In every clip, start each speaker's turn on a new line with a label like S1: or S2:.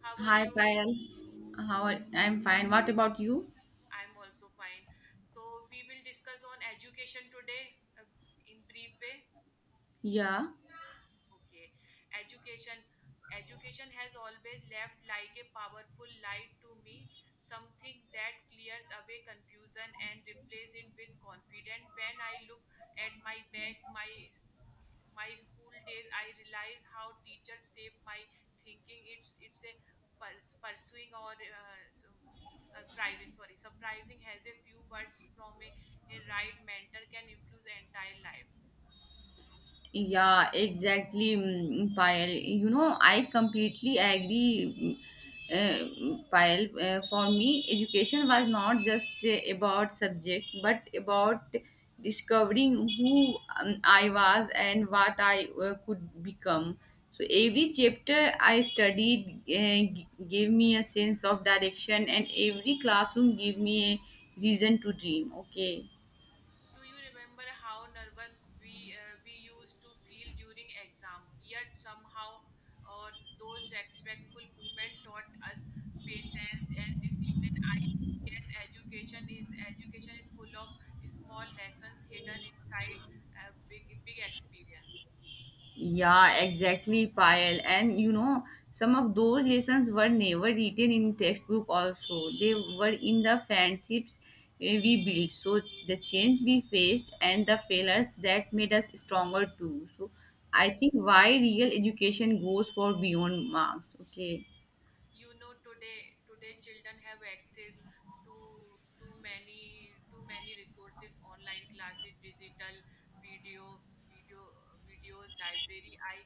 S1: How are
S2: Hi,
S1: you?
S2: Payal. I'm fine. What about you?
S1: I'm also fine. So we will discuss on education today in brief way.
S2: Yeah.
S1: Okay. Education education has always left like a powerful light to me, something that clears away confusion and replace it with confidence. When I look at my back, my school days I realize how teachers shape my thinking. It's a pursuing or surprising sorry surprising has a few words from a right mentor can influence entire life.
S2: Yeah, exactly, Payal. You know, I completely agree, Payal. For me, education was not just about subjects, but about discovering who I was and what I could become. So every chapter I studied gave me a sense of direction, and every classroom gave me a reason to dream. Okay.
S1: Do you remember how nervous we used to feel during exam? Yet somehow, uh, those respectful movements taught us patience and discipline. I guess education is full of small lessons hidden inside a big experience.
S2: Yeah, exactly, Payal. And you know, some of those lessons were never written in textbook also. They were in the friendships we built. So the change we faced and the failures that made us stronger too. So I think why real education goes for beyond marks. Okay.
S1: You know today children have access to too many resources, online classes, digital video video videos library. I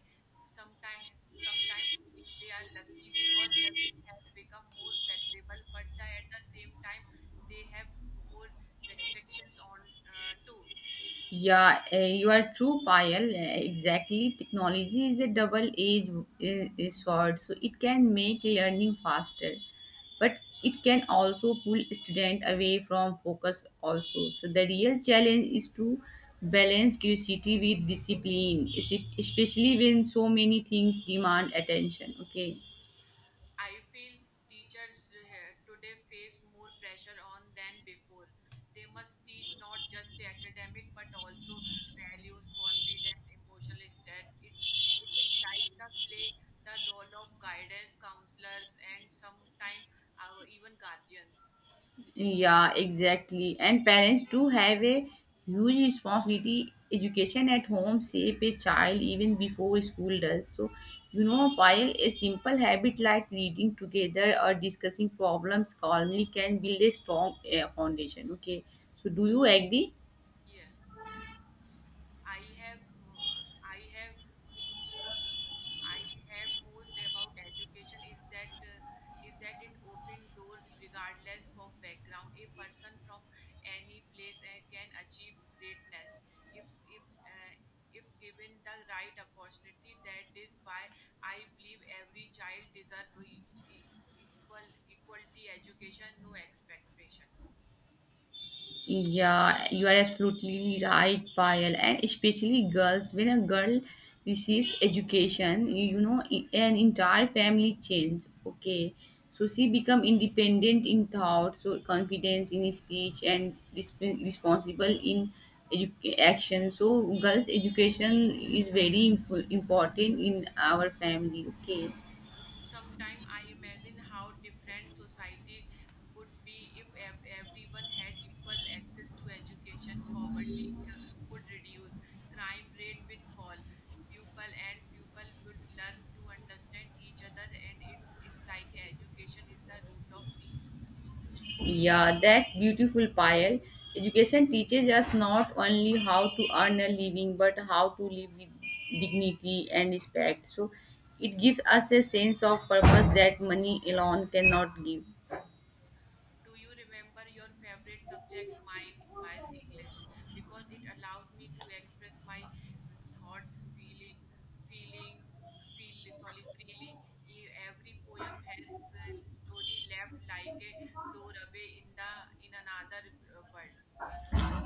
S1: sometimes feel they are lucky because learning has become more flexible, but at the same time they have more restrictions on too.
S2: Yeah, you are true, Payal. Exactly. Technology is a double-edged sword, so it can make learning faster, but it can also pull student away from focus also. So the real challenge is to balance curiosity with discipline, especially when so many things demand attention. Okay.
S1: I feel teachers today face more pressure on than before. They must teach not just academic but also values, confidence, emotional state. It is like the play the role of guidance counselors and sometimes, even guardians.
S2: Yeah, exactly. And parents do have a huge responsibility. Education at home shape a child even before school does. So, you know, while a simple habit like reading together or discussing problems calmly can build a strong foundation. Okay. So, do you agree?
S1: Yes, I have I have I have most about education is that it open door regardless of background. A person from any place can achieve greatness if if uh, if given the right opportunity. That is why I believe every child deserves equality education, no expectations.
S2: Yeah, you are absolutely right, Payal. And especially girls, when a girl receives education, you know, an entire family change. Okay, so she become independent in thought, so confidence in speech, and responsible in action. So girls' education is very important in our family. Okay.
S1: Sometimes I imagine how different society would be if everyone had equal access to education. Poverty would reduce, crime rate would fall, pupil and pupil would learn to understand each other, and it's like education is the root of peace.
S2: Yeah, that beautiful pile. Education teaches us not only how to earn a living but how to live with dignity and respect. So it gives us a sense of purpose that money alone cannot give.
S1: Do you remember your favorite subject? Mine was English because it allows me to express my thoughts, feeling, feeling, feel sorry freely. Every poem has a story left like a doorway in the in another world.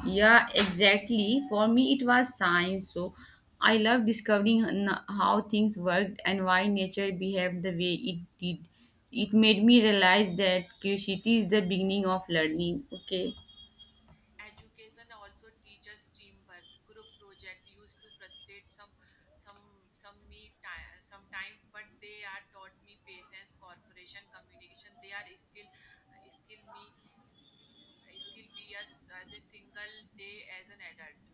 S2: Yeah, exactly. For me, it was science. So I love discovering how things worked and why nature behaved the way it did. It made me realize that curiosity is the beginning of learning. Okay.
S1: Education also teaches teamwork. Group project used to frustrate some me time sometime, but they are taught me patience, cooperation, communication. They are skill me skill we as a single day as an adult.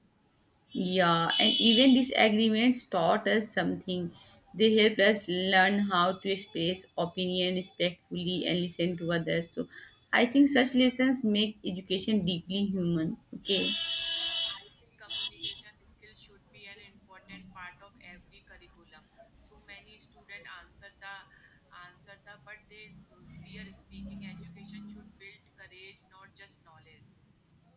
S2: Yeah, and even disagreements taught us something. They helped us learn how to express opinion respectfully and listen to others. So I think such lessons make education deeply human. Okay.
S1: I feel communication skill should be an important part of every curriculum. So many students answer the but they fear speaking. Education should build courage not just knowledge.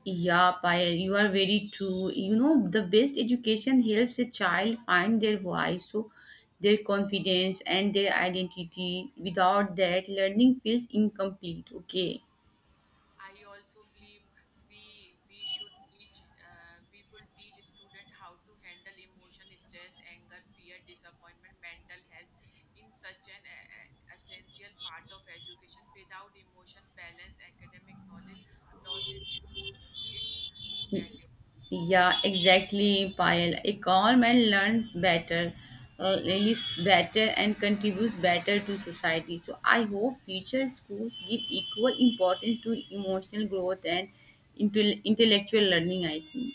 S2: Yeah, Payal, you are very true. You know, the best education helps a child find their voice, so their confidence and their identity. Without that, learning feels incomplete. Okay.
S1: I also believe we should teach we will teach student how to handle emotion, stress, anger, fear, disappointment. Mental health in such an essential part of education. Without emotion balance, academic knowledge loses its value.
S2: Yeah, exactly, Payal. A calm man learns better, lives better, and contributes better to society. So I hope future schools give equal importance to emotional growth and intellectual learning. I think.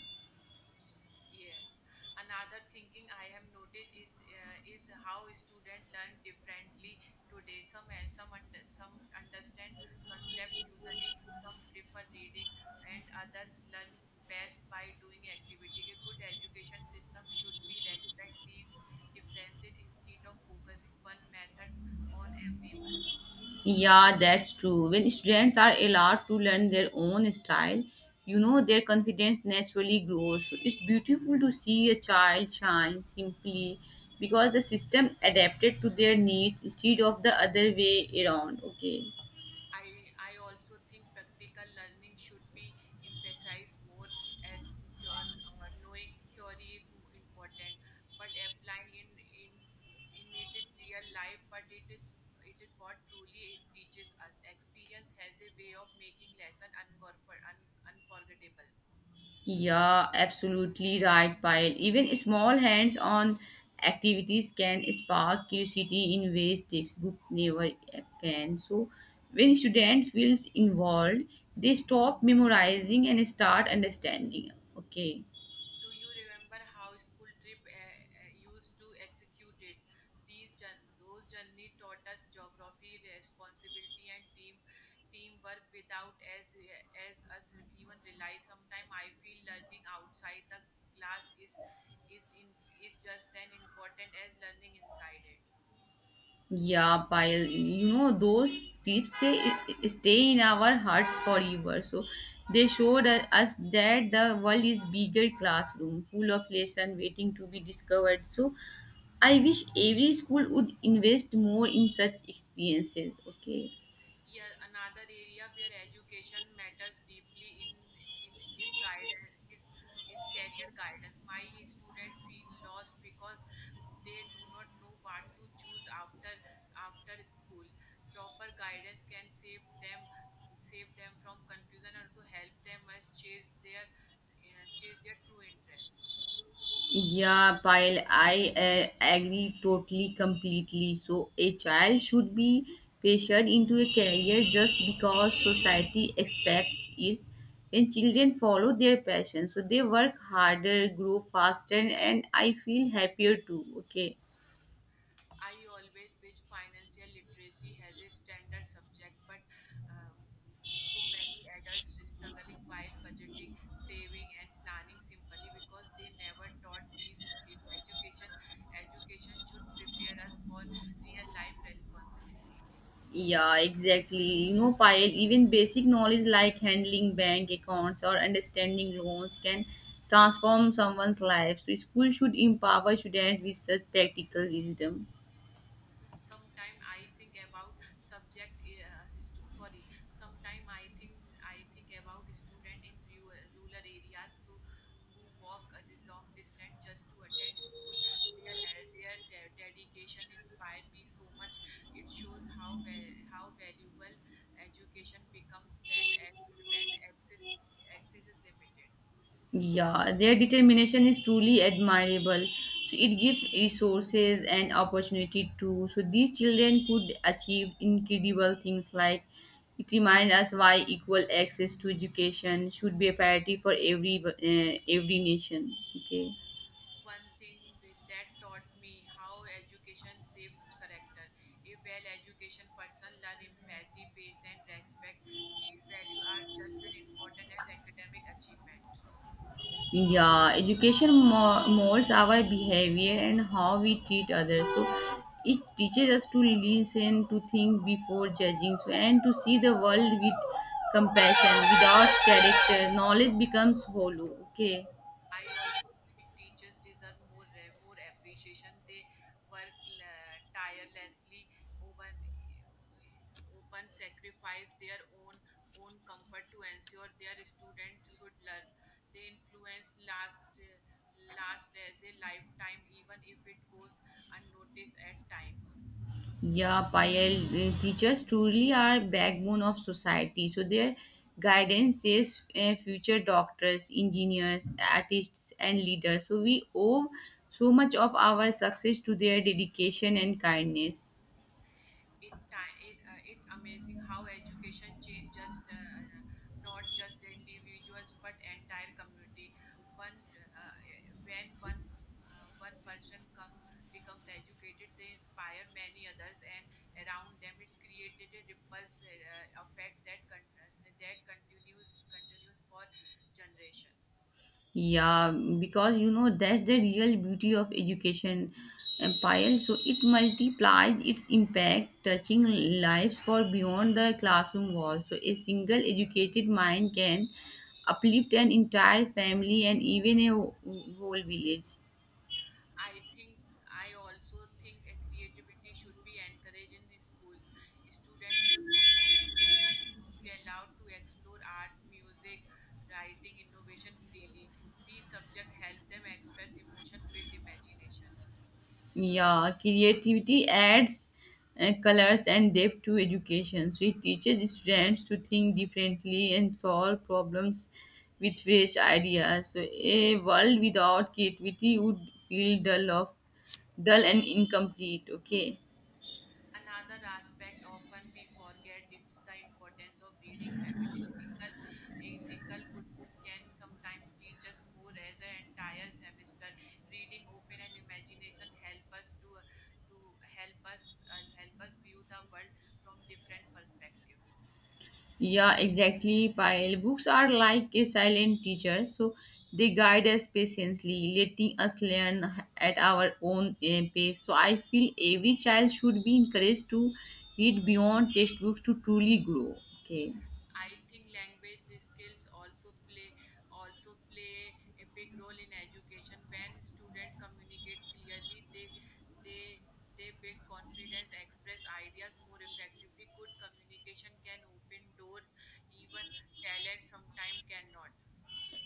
S1: Yes. Another thinking I have noticed is how students learn differently today. Some understand concept usually. Some prefer reading, and others learn best by doing activity. A good education system should be respect these differences instead of focusing one method on everyone.
S2: Yeah, that's true. When students are allowed to learn their own style, you know, their confidence naturally grows. So it's beautiful to see a child shine simply because the system adapted to their needs instead of the other way around. Okay.
S1: I also think practical learning should be emphasized more as knowing theory is important, but applying in it in real life, but it is what truly it teaches us. Experience has a way of making lesson unforgettable.
S2: Yeah, absolutely right, Payal. Even small hands-on activities can spark curiosity in ways textbook never can. So, when student feels involved, they stop memorizing and start understanding. Okay.
S1: Do you remember how school trip used to execute it? These those journey taught us geography, responsibility, and teamwork without as us even realize. Sometimes I feel learning outside the class is in is just as important as learning inside it.
S2: Yeah, pile. You know, those tips say stay in our heart forever. So they showed us that the world is bigger classroom, full of lesson waiting to be discovered. So I wish every school would invest more in such experiences. Okay.
S1: Yeah, another area where education matters deeply in is guidance is career guidance. My student feel lost because they do not know what to choose after school. Proper guidance can save them from confusion and also help them as chase their true interest.
S2: Yeah, Pyle, I agree totally, completely. So, a child should be pressured into a career just because society expects it. And children follow their passion, so they work harder, grow faster, and I feel happier too. Okay.
S1: I always wish financial literacy has a standard subject, but um, so many adults struggling while budgeting, saving, and planning simply because they never taught these skills. Education should prepare us for real life responsibility.
S2: Yeah, exactly. You know, Payal, even basic knowledge like handling bank accounts or understanding loans can transform someone's life. So, school should empower students with such practical wisdom.
S1: Sometime I think about subject stu- sorry sometime I think about student in rural areas, so who walk a long distance just to attend school. Their dedication inspired me so much. It shows how how valuable education becomes when when access access is limited.
S2: Yeah, their determination is truly admirable. So it gives resources and opportunity to so these children could achieve incredible things like it reminds us why equal access to education should be a priority for every nation. Okay.
S1: One thing that taught me how education shapes character. A well-educated person learns empathy, patience, respect. These values are just as important as academic achievement.
S2: Yeah, education molds our behavior and how we treat others. So it teaches us to listen, to think before judging, so and to see the world with compassion. Without character, knowledge becomes hollow. Okay.
S1: I also believe teachers deserve more appreciation. They work tirelessly, open open sacrifice their own comfort to ensure their students should learn. They influence last as a lifetime, even if it goes unnoticed at times.
S2: Yeah, Payal, the teachers truly are backbone of society. So their guidance saves future doctors, engineers, artists, and leaders. So we owe so much of our success to their dedication and kindness.
S1: It ti- it it amazing how education changed just not just individuals but entire community. One uh, when one uh, one person come becomes educated, they inspire many others and around them. It's created a ripple effect that continues continues for generation.
S2: Yeah, because you know that's the real beauty of education empire. So it multiplies its impact, touching lives for beyond the classroom walls. So a single educated mind can uplift an entire family and even a whole village.
S1: I think I also think a creativity should be encouraged in the schools. Students should be allowed to explore art, music, writing, innovation freely. These subjects help them express emotion, build imagination.
S2: Yeah, creativity adds colors and depth to education. So it teaches students to think differently and solve problems with fresh ideas. So a world without creativity would feel dull and incomplete. Okay.
S1: Another aspect often we forget is the importance of reading habit. A single good book can sometimes teach us more as an entire semester. Reading open and imagination help us help us view the world from different perspective.
S2: Yeah, exactly. Pile books are like a silent teacher, so they guide us patiently, letting us learn at our own pace. So I feel every child should be encouraged to read beyond textbooks to truly grow. Okay.
S1: I think language skills also play a big role in education. When students communicate clearly, they they build confidence, express ideas more effectively. Good communication can open doors, even talent sometimes cannot.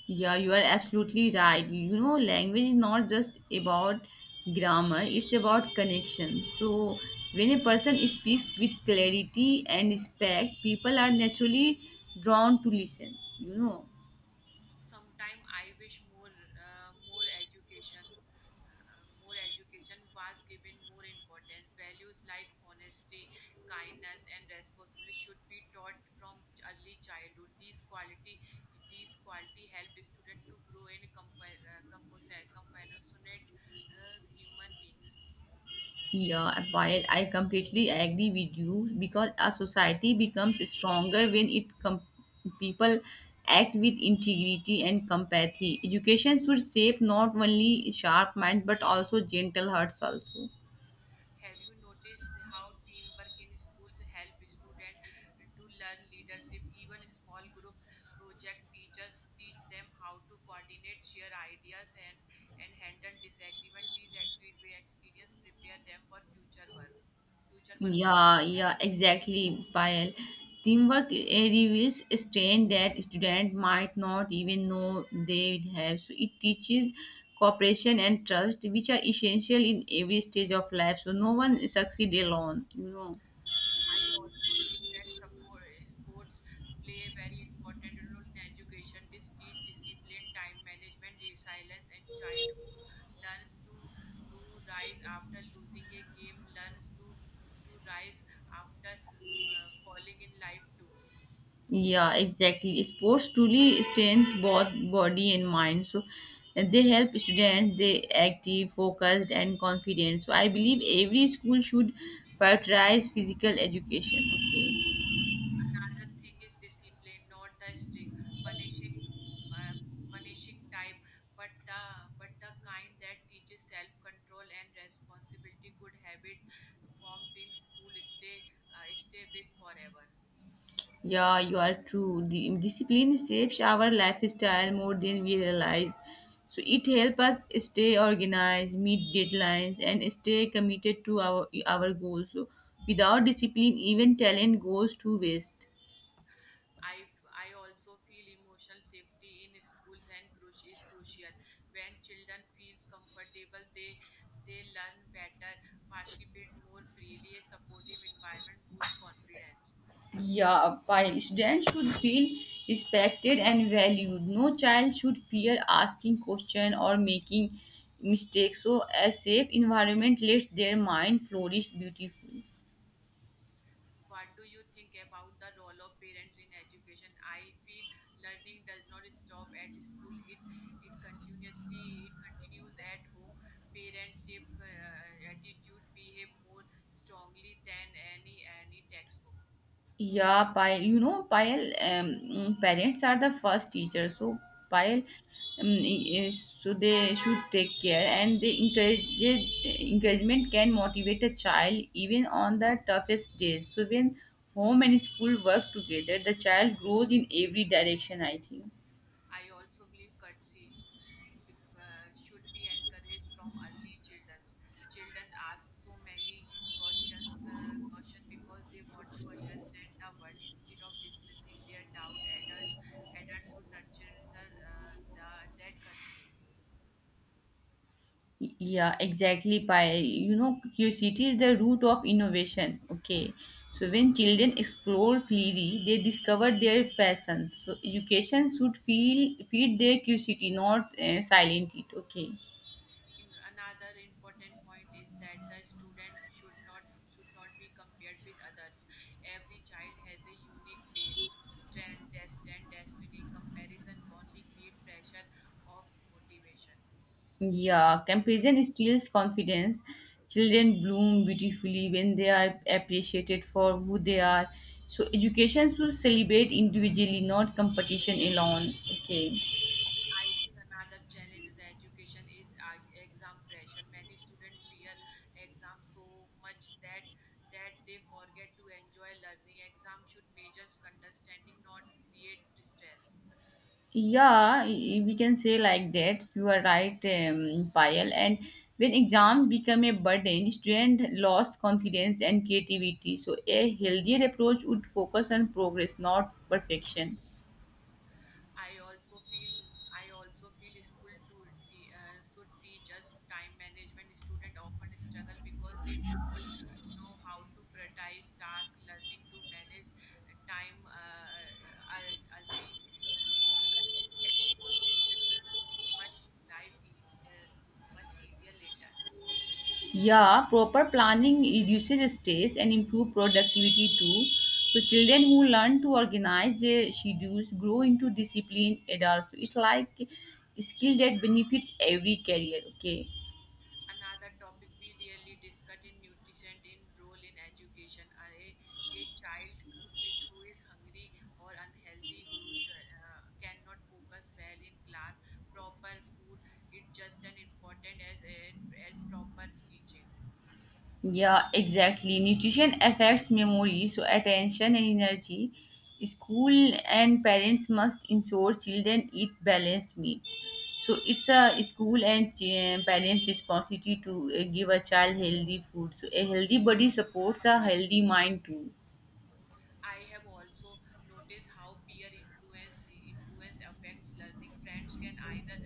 S2: Yeah, you are absolutely right. You know, language is not just about grammar, it's about connection. So when a person speaks with clarity and respect, people are naturally drawn to listen, you know.
S1: Sometime I wish more education was given more importance. Values like honesty, kindness and responsibility should be taught from early childhood. These quality help student to grow in compassionate human beings.
S2: Yeah, while I completely agree with you because a society becomes stronger when people act with integrity and compassion. Education should shape not only sharp minds but also gentle hearts also.
S1: Have you noticed how teamwork in schools help students to learn leadership? Even small group project teachers teach them how to coordinate, share ideas, and handle disagreement. These experience prepare them for future workplace.
S2: Yeah, exactly, Payal. Teamwork reveals a strength that student might not even know they have. So it teaches cooperation and trust, which are essential in every stage of life. So no one succeed alone, you know.
S1: I also think that sports play a very important role in education. This teach discipline, time management, resilience, and child who learns to rise after losing a game learns to rise after falling in life too.
S2: Yeah, exactly. Sports truly strengthen both body and mind. So and they help students they active, focused, and confident. So I believe every school should prioritize physical education. Okay.
S1: Another thing is discipline, not the strict punishing, uh, punishing type, but the kind that teaches self control and responsibility. Good habit formed in school stay with forever.
S2: Yeah, you are true. The discipline shapes our lifestyle more than we realize. So it helps us stay organized, meet deadlines, and stay committed to our goals. So without discipline, even talent goes to waste.
S1: I also feel emotional safety in schools and is crucial. When children feels comfortable, they learn better, participate more freely. A supportive environment boosts confidence.
S2: Yeah, while students should feel respected and valued, no child should fear asking questions or making mistakes. So a safe environment lets their mind flourish beautifully.
S1: What do you think about the role of parents in education? I feel learning does not stop at school. It continues at home. Parents' shape attitude behave more strongly than any textbook.
S2: Yeah, Payal, you know, Payal, parents are the first teachers. So, Payal, so they should take care and encouragement can motivate a child even on the toughest days. So, when home and school work together, the child grows in every direction, I think.
S1: I also believe courtesy should be encouraged from early childrens. Children ask so many question because they want to understand the world instead of dismissing their doubt. Adults should nurture the that courtesy.
S2: Yeah, exactly. By you know, curiosity is the root of innovation. Okay, so when children explore freely, they discover their passions. So education should feel feed their curiosity, not silent it. Okay.
S1: In another important point is that the student should not be compared with others. Every child has a unique pace, strength, test and destiny. Comparison only create pressure of motivation.
S2: Yeah, comparison steals confidence. Children bloom beautifully when they are appreciated for who they are. So education should celebrate individually, not competition alone. Okay.
S1: I think another challenge in the education is exam pressure. Many students fear exams so much that they forget to enjoy learning. Exam should measure understanding, not create stress.
S2: Yeah, we can say like that. You are right, Payal. And when exams become a burden, student lost confidence and creativity. So a healthier approach would focus on progress, not perfection.
S1: I also feel I also feel school to should teach us time management. Students often struggle because they do not know how to prioritize task. Learning to manage time early early can make it much life is much easier later.
S2: Yeah, proper planning reduces stress and improve productivity too. So children who learn to organize their schedules grow into disciplined adults. So it's like skill that benefits every career. Okay.
S1: Another topic we really discuss in nutrition in role in education. A child which who is hungry or unhealthy, who cannot focus well in class. Proper food is just as important as proper teaching.
S2: Yeah, exactly. Nutrition affects memory, so attention and energy. School and parents must ensure children eat balanced meal. So it's a school and parents' responsibility to give a child healthy food. So a healthy body supports a healthy mind too.
S1: I have also noticed how peer influence affects learning. Friends can either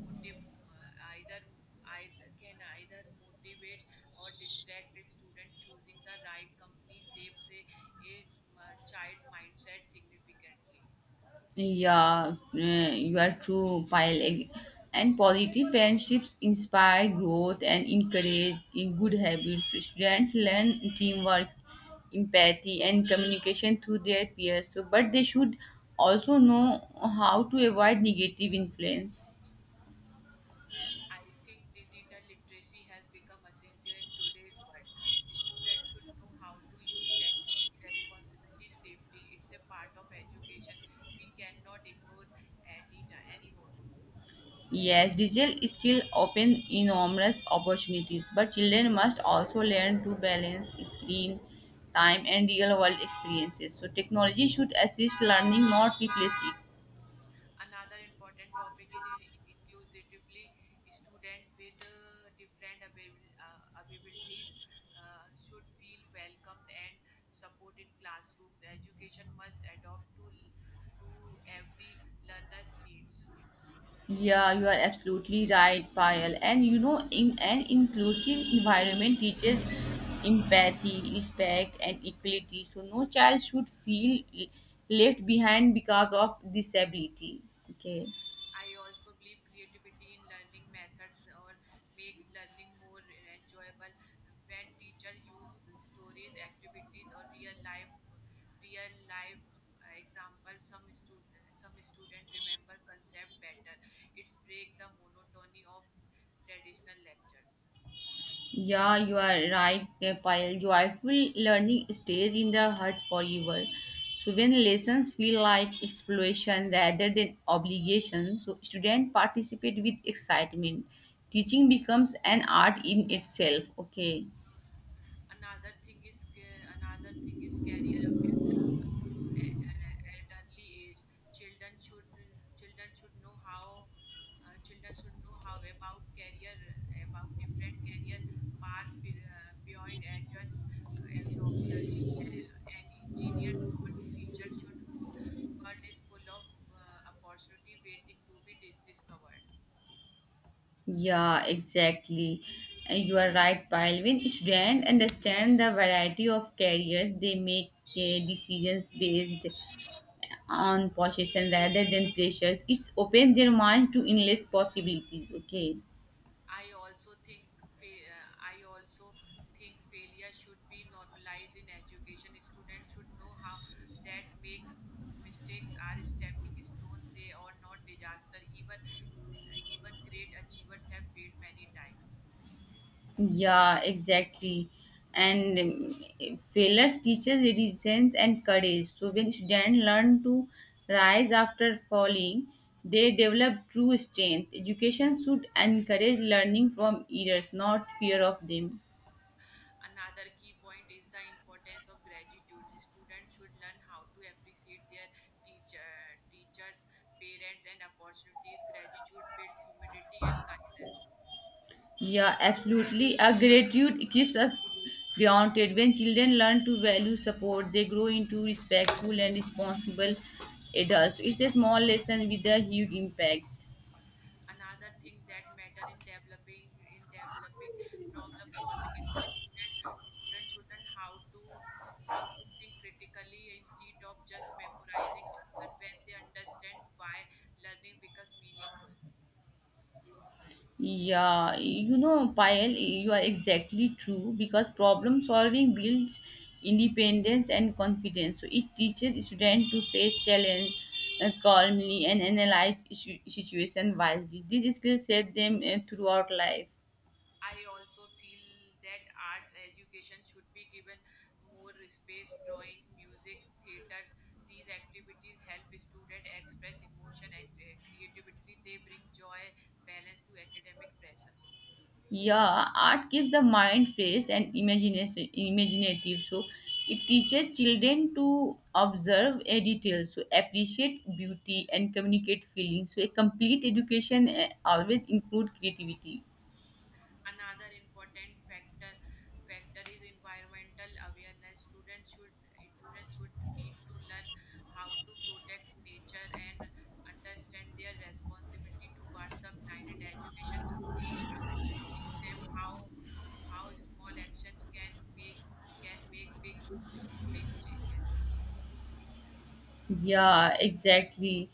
S1: motive either either can either motivate or distract a student. Choosing the right company saves a child mindset significantly.
S2: Yeah, you are true, Pile. And positive friendships inspire growth and encourage in good habits. Students learn teamwork, empathy, and communication through their peers. So, but they should also know how to avoid negative influence.
S1: I think digital literacy has become essential in today's world. Students should know how to use technology responsibility safety. It's a part of education we cannot ignore anymore.
S2: Yes, digital skills open enormous opportunities, but children must also learn to balance screen time and real world experiences. So, technology should assist learning, not replace it.
S1: Another important topic is inclusively. Student with abilities should feel welcomed and supported in classrooms. Education must adopt to every learner's needs.
S2: Yeah, you are absolutely right, Payal. And you know, in an inclusive environment teaches empathy, respect, and equality. So, no child should feel left behind because of disability. Okay.
S1: I also believe creativity in learning methods or makes learning more enjoyable when teacher use stories, activities, or real life example, some student remember concept better. It's break the monotony of traditional lectures.
S2: Yeah, you are right, Payal. Joyful learning stays in the heart forever. So when lessons feel like exploration rather than obligation, so students participate with excitement. Teaching becomes an art in itself. Okay.
S1: Another thing is career awareness for at early age. children should Children should know how about career about different career path beyond and just a doctor and engineers or teachers. World is full of opportunity waiting to be discovered.
S2: Yeah, exactly. And you are right, Payal. When students understand the variety of careers, they make decisions based on possession rather than pressures it's open their minds to endless possibilities. Okay,
S1: I also think I also think failure should be normalized in education. Students should know how that makes mistakes are stepping stone. They are not disaster. Even great achievers have failed many times.
S2: yeah, exactly. And failures teaches resilience and courage, so when students learn to rise after falling they develop true strength. Education should encourage learning from errors, not fear of them.
S1: Another key point is the importance of gratitude. Students should learn how to appreciate their teacher, teachers, parents, and opportunities. Gratitude builds humility and kindness.
S2: Yeah, absolutely. A gratitude keeps us grounded. When children learn to value support, they grow into respectful and responsible adults. It's a small lesson with a huge impact.
S1: Another thing that matter in developing problem solving skill. Student should learn how to think critically instead of just memorizing answer. When they understand why, learning becomes meaningful.
S2: Yeah, you know, Payal, you are exactly true because problem solving builds independence and confidence. So it teaches students to face challenge calmly and analyze issue, situation wisely. These skills help them throughout life.
S1: I also feel that art education should be given more space. Drawing, music, theaters, these activities help students express emotion creatively. They bring joy balance to academic pressures.
S2: Yeah, art gives the mind fresh and imagination imaginative. So it teaches children to observe a detail, so appreciate beauty and communicate feelings. So a complete education always include creativity.
S1: Another important factor is environmental awareness. Students should need to learn how to protect nature and understand their responsibility towards the planet. Education should teach them how small action can make can make big big changes.
S2: Yeah, exactly.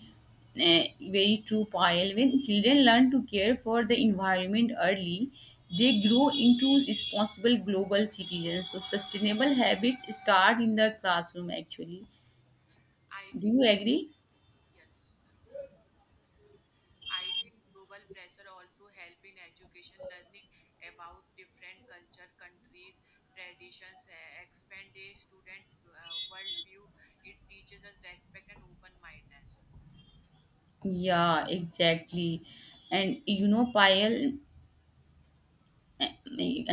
S2: Eh, very true, Payal. When children learn to care for the environment early, they grow into responsible global citizens. So sustainable habits start in the classroom. Actually,
S1: I
S2: do
S1: think
S2: you agree?
S1: yes, I think global pressure also help in education, learning about different culture, countries, traditions, expand a student worldview. It teaches us respect and open mindedness.
S2: Yeah, exactly. And you know, Payal,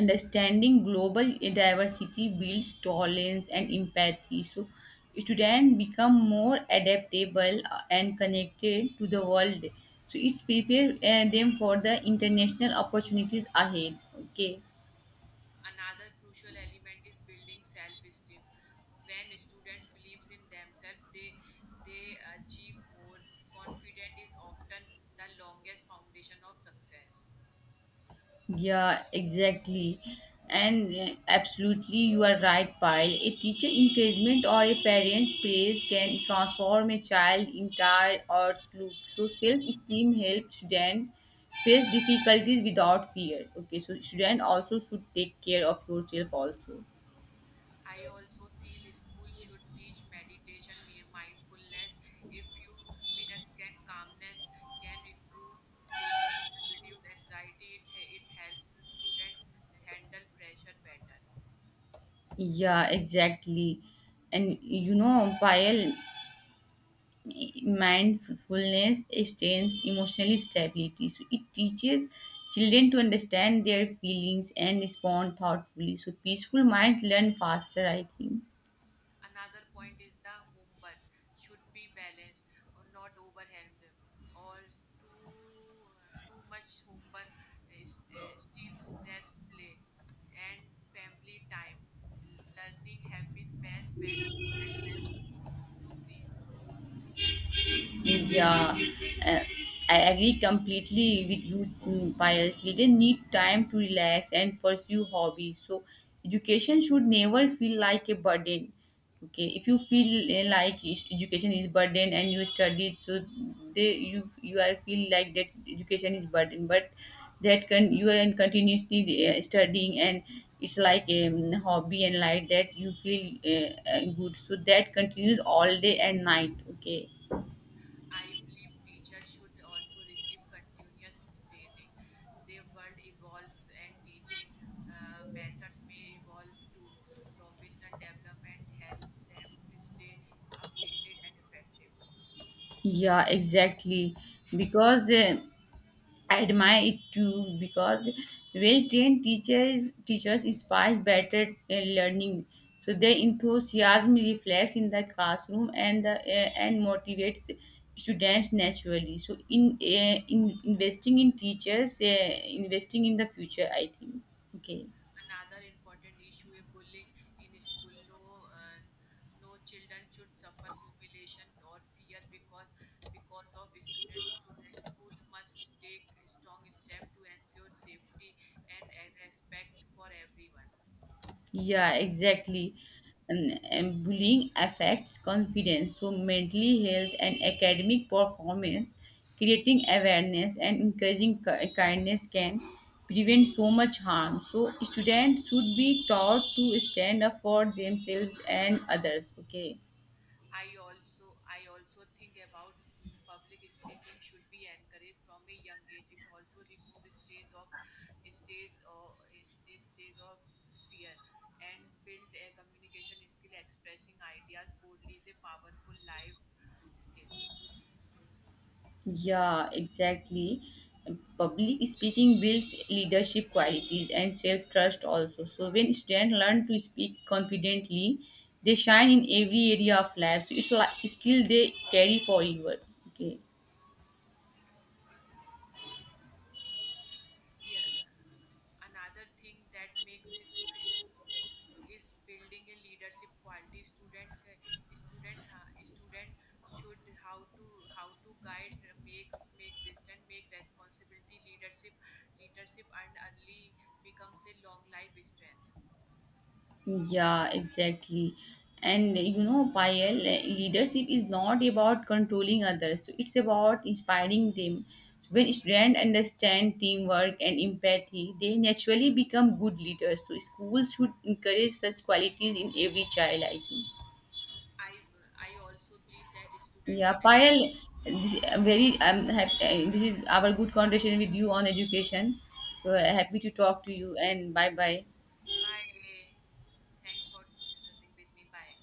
S2: understanding global diversity builds tolerance and empathy. So, students become more adaptable and connected to the world. So, it prepares them for the international opportunities ahead. Okay.
S1: Another crucial element is building self-esteem. When students believes in themselves, they achieve more. Confidence is often the longest foundation of success.
S2: Yeah, exactly. And absolutely, you are right, Pyle. A teacher encouragement or a parent's praise can transform a child entire outlook. So self-esteem helps student face difficulties without fear. Okay, so student also should take care of yourself also.
S1: I also feel school should teach meditation, mindfulness. A few minutes can calmness can improve focus, reduce anxiety. It helps student handle pressure better.
S2: Yeah, exactly. And you know, Payal, mindfulness extends emotional stability, so it teaches children to understand their feelings and respond thoughtfully, so peaceful minds learn faster, I think.
S1: Another point is the homework should be balanced or not overwhelmed or too much homework is, steals rest play and family time. Learning happens best when students have room to breathe.
S2: Yeah, uh, I agree completely with you, Payal. Children need time to relax and pursue hobbies. So, education should never feel like a burden. Okay, if you feel like education is burden and you study, so they you are feel like that education is burden, but that can you are continuously studying and it's like a hobby and like that you feel good so that continues all day and night. Okay.
S1: I believe teachers should also receive continuous training. The world evolves and teaching methods may evolve too. Professional development help them to stay updated and effective.
S2: Yeah, exactly. Because I admire it too. Because well-trained teachers inspire better learning. So their enthusiasm reflects in the classroom and and motivates students naturally. So in investing in teachers, investing in the future, I think. Okay.
S1: Another important issue is bullying in school. No, no children should suffer humiliation or fear because of students. Students, school must take strong step to ensure safety and respect for everyone.
S2: Yeah, exactly. And bullying affects confidence, so mentally health and academic performance, creating awareness and encouraging kindness can prevent so much harm. So students should be taught to stand up for themselves and others. Okay.
S1: I also think about public speaking should be encouraged from a young age. It also removes stages of stages or stage stage of fear and build a communication skill. Expressing ideas boldly is a powerful life skill.
S2: Yeah, exactly. Public speaking builds leadership qualities and self trust also. So when students learn to speak confidently, they shine in every area of life. So it's like a skill they carry forever. Okay.
S1: Yeah, another thing that makes is building a leadership quality. Student ca- student ha- Student should how to guide, make responsibility. Leadership and early becomes a long life strength.
S2: Yeah, exactly. And you know, Payal, leadership is not about controlling others, so it's about inspiring them. So when students understand teamwork and empathy, they naturally become good leaders. So schools should encourage such qualities in every child, I think.
S1: I i also believe that students
S2: Yeah,
S1: should encourage.
S2: Payal, this is our good conversation with you on education. So happy to talk to you, and bye bye.
S1: Bye. Thanks for discussing with me. Bye.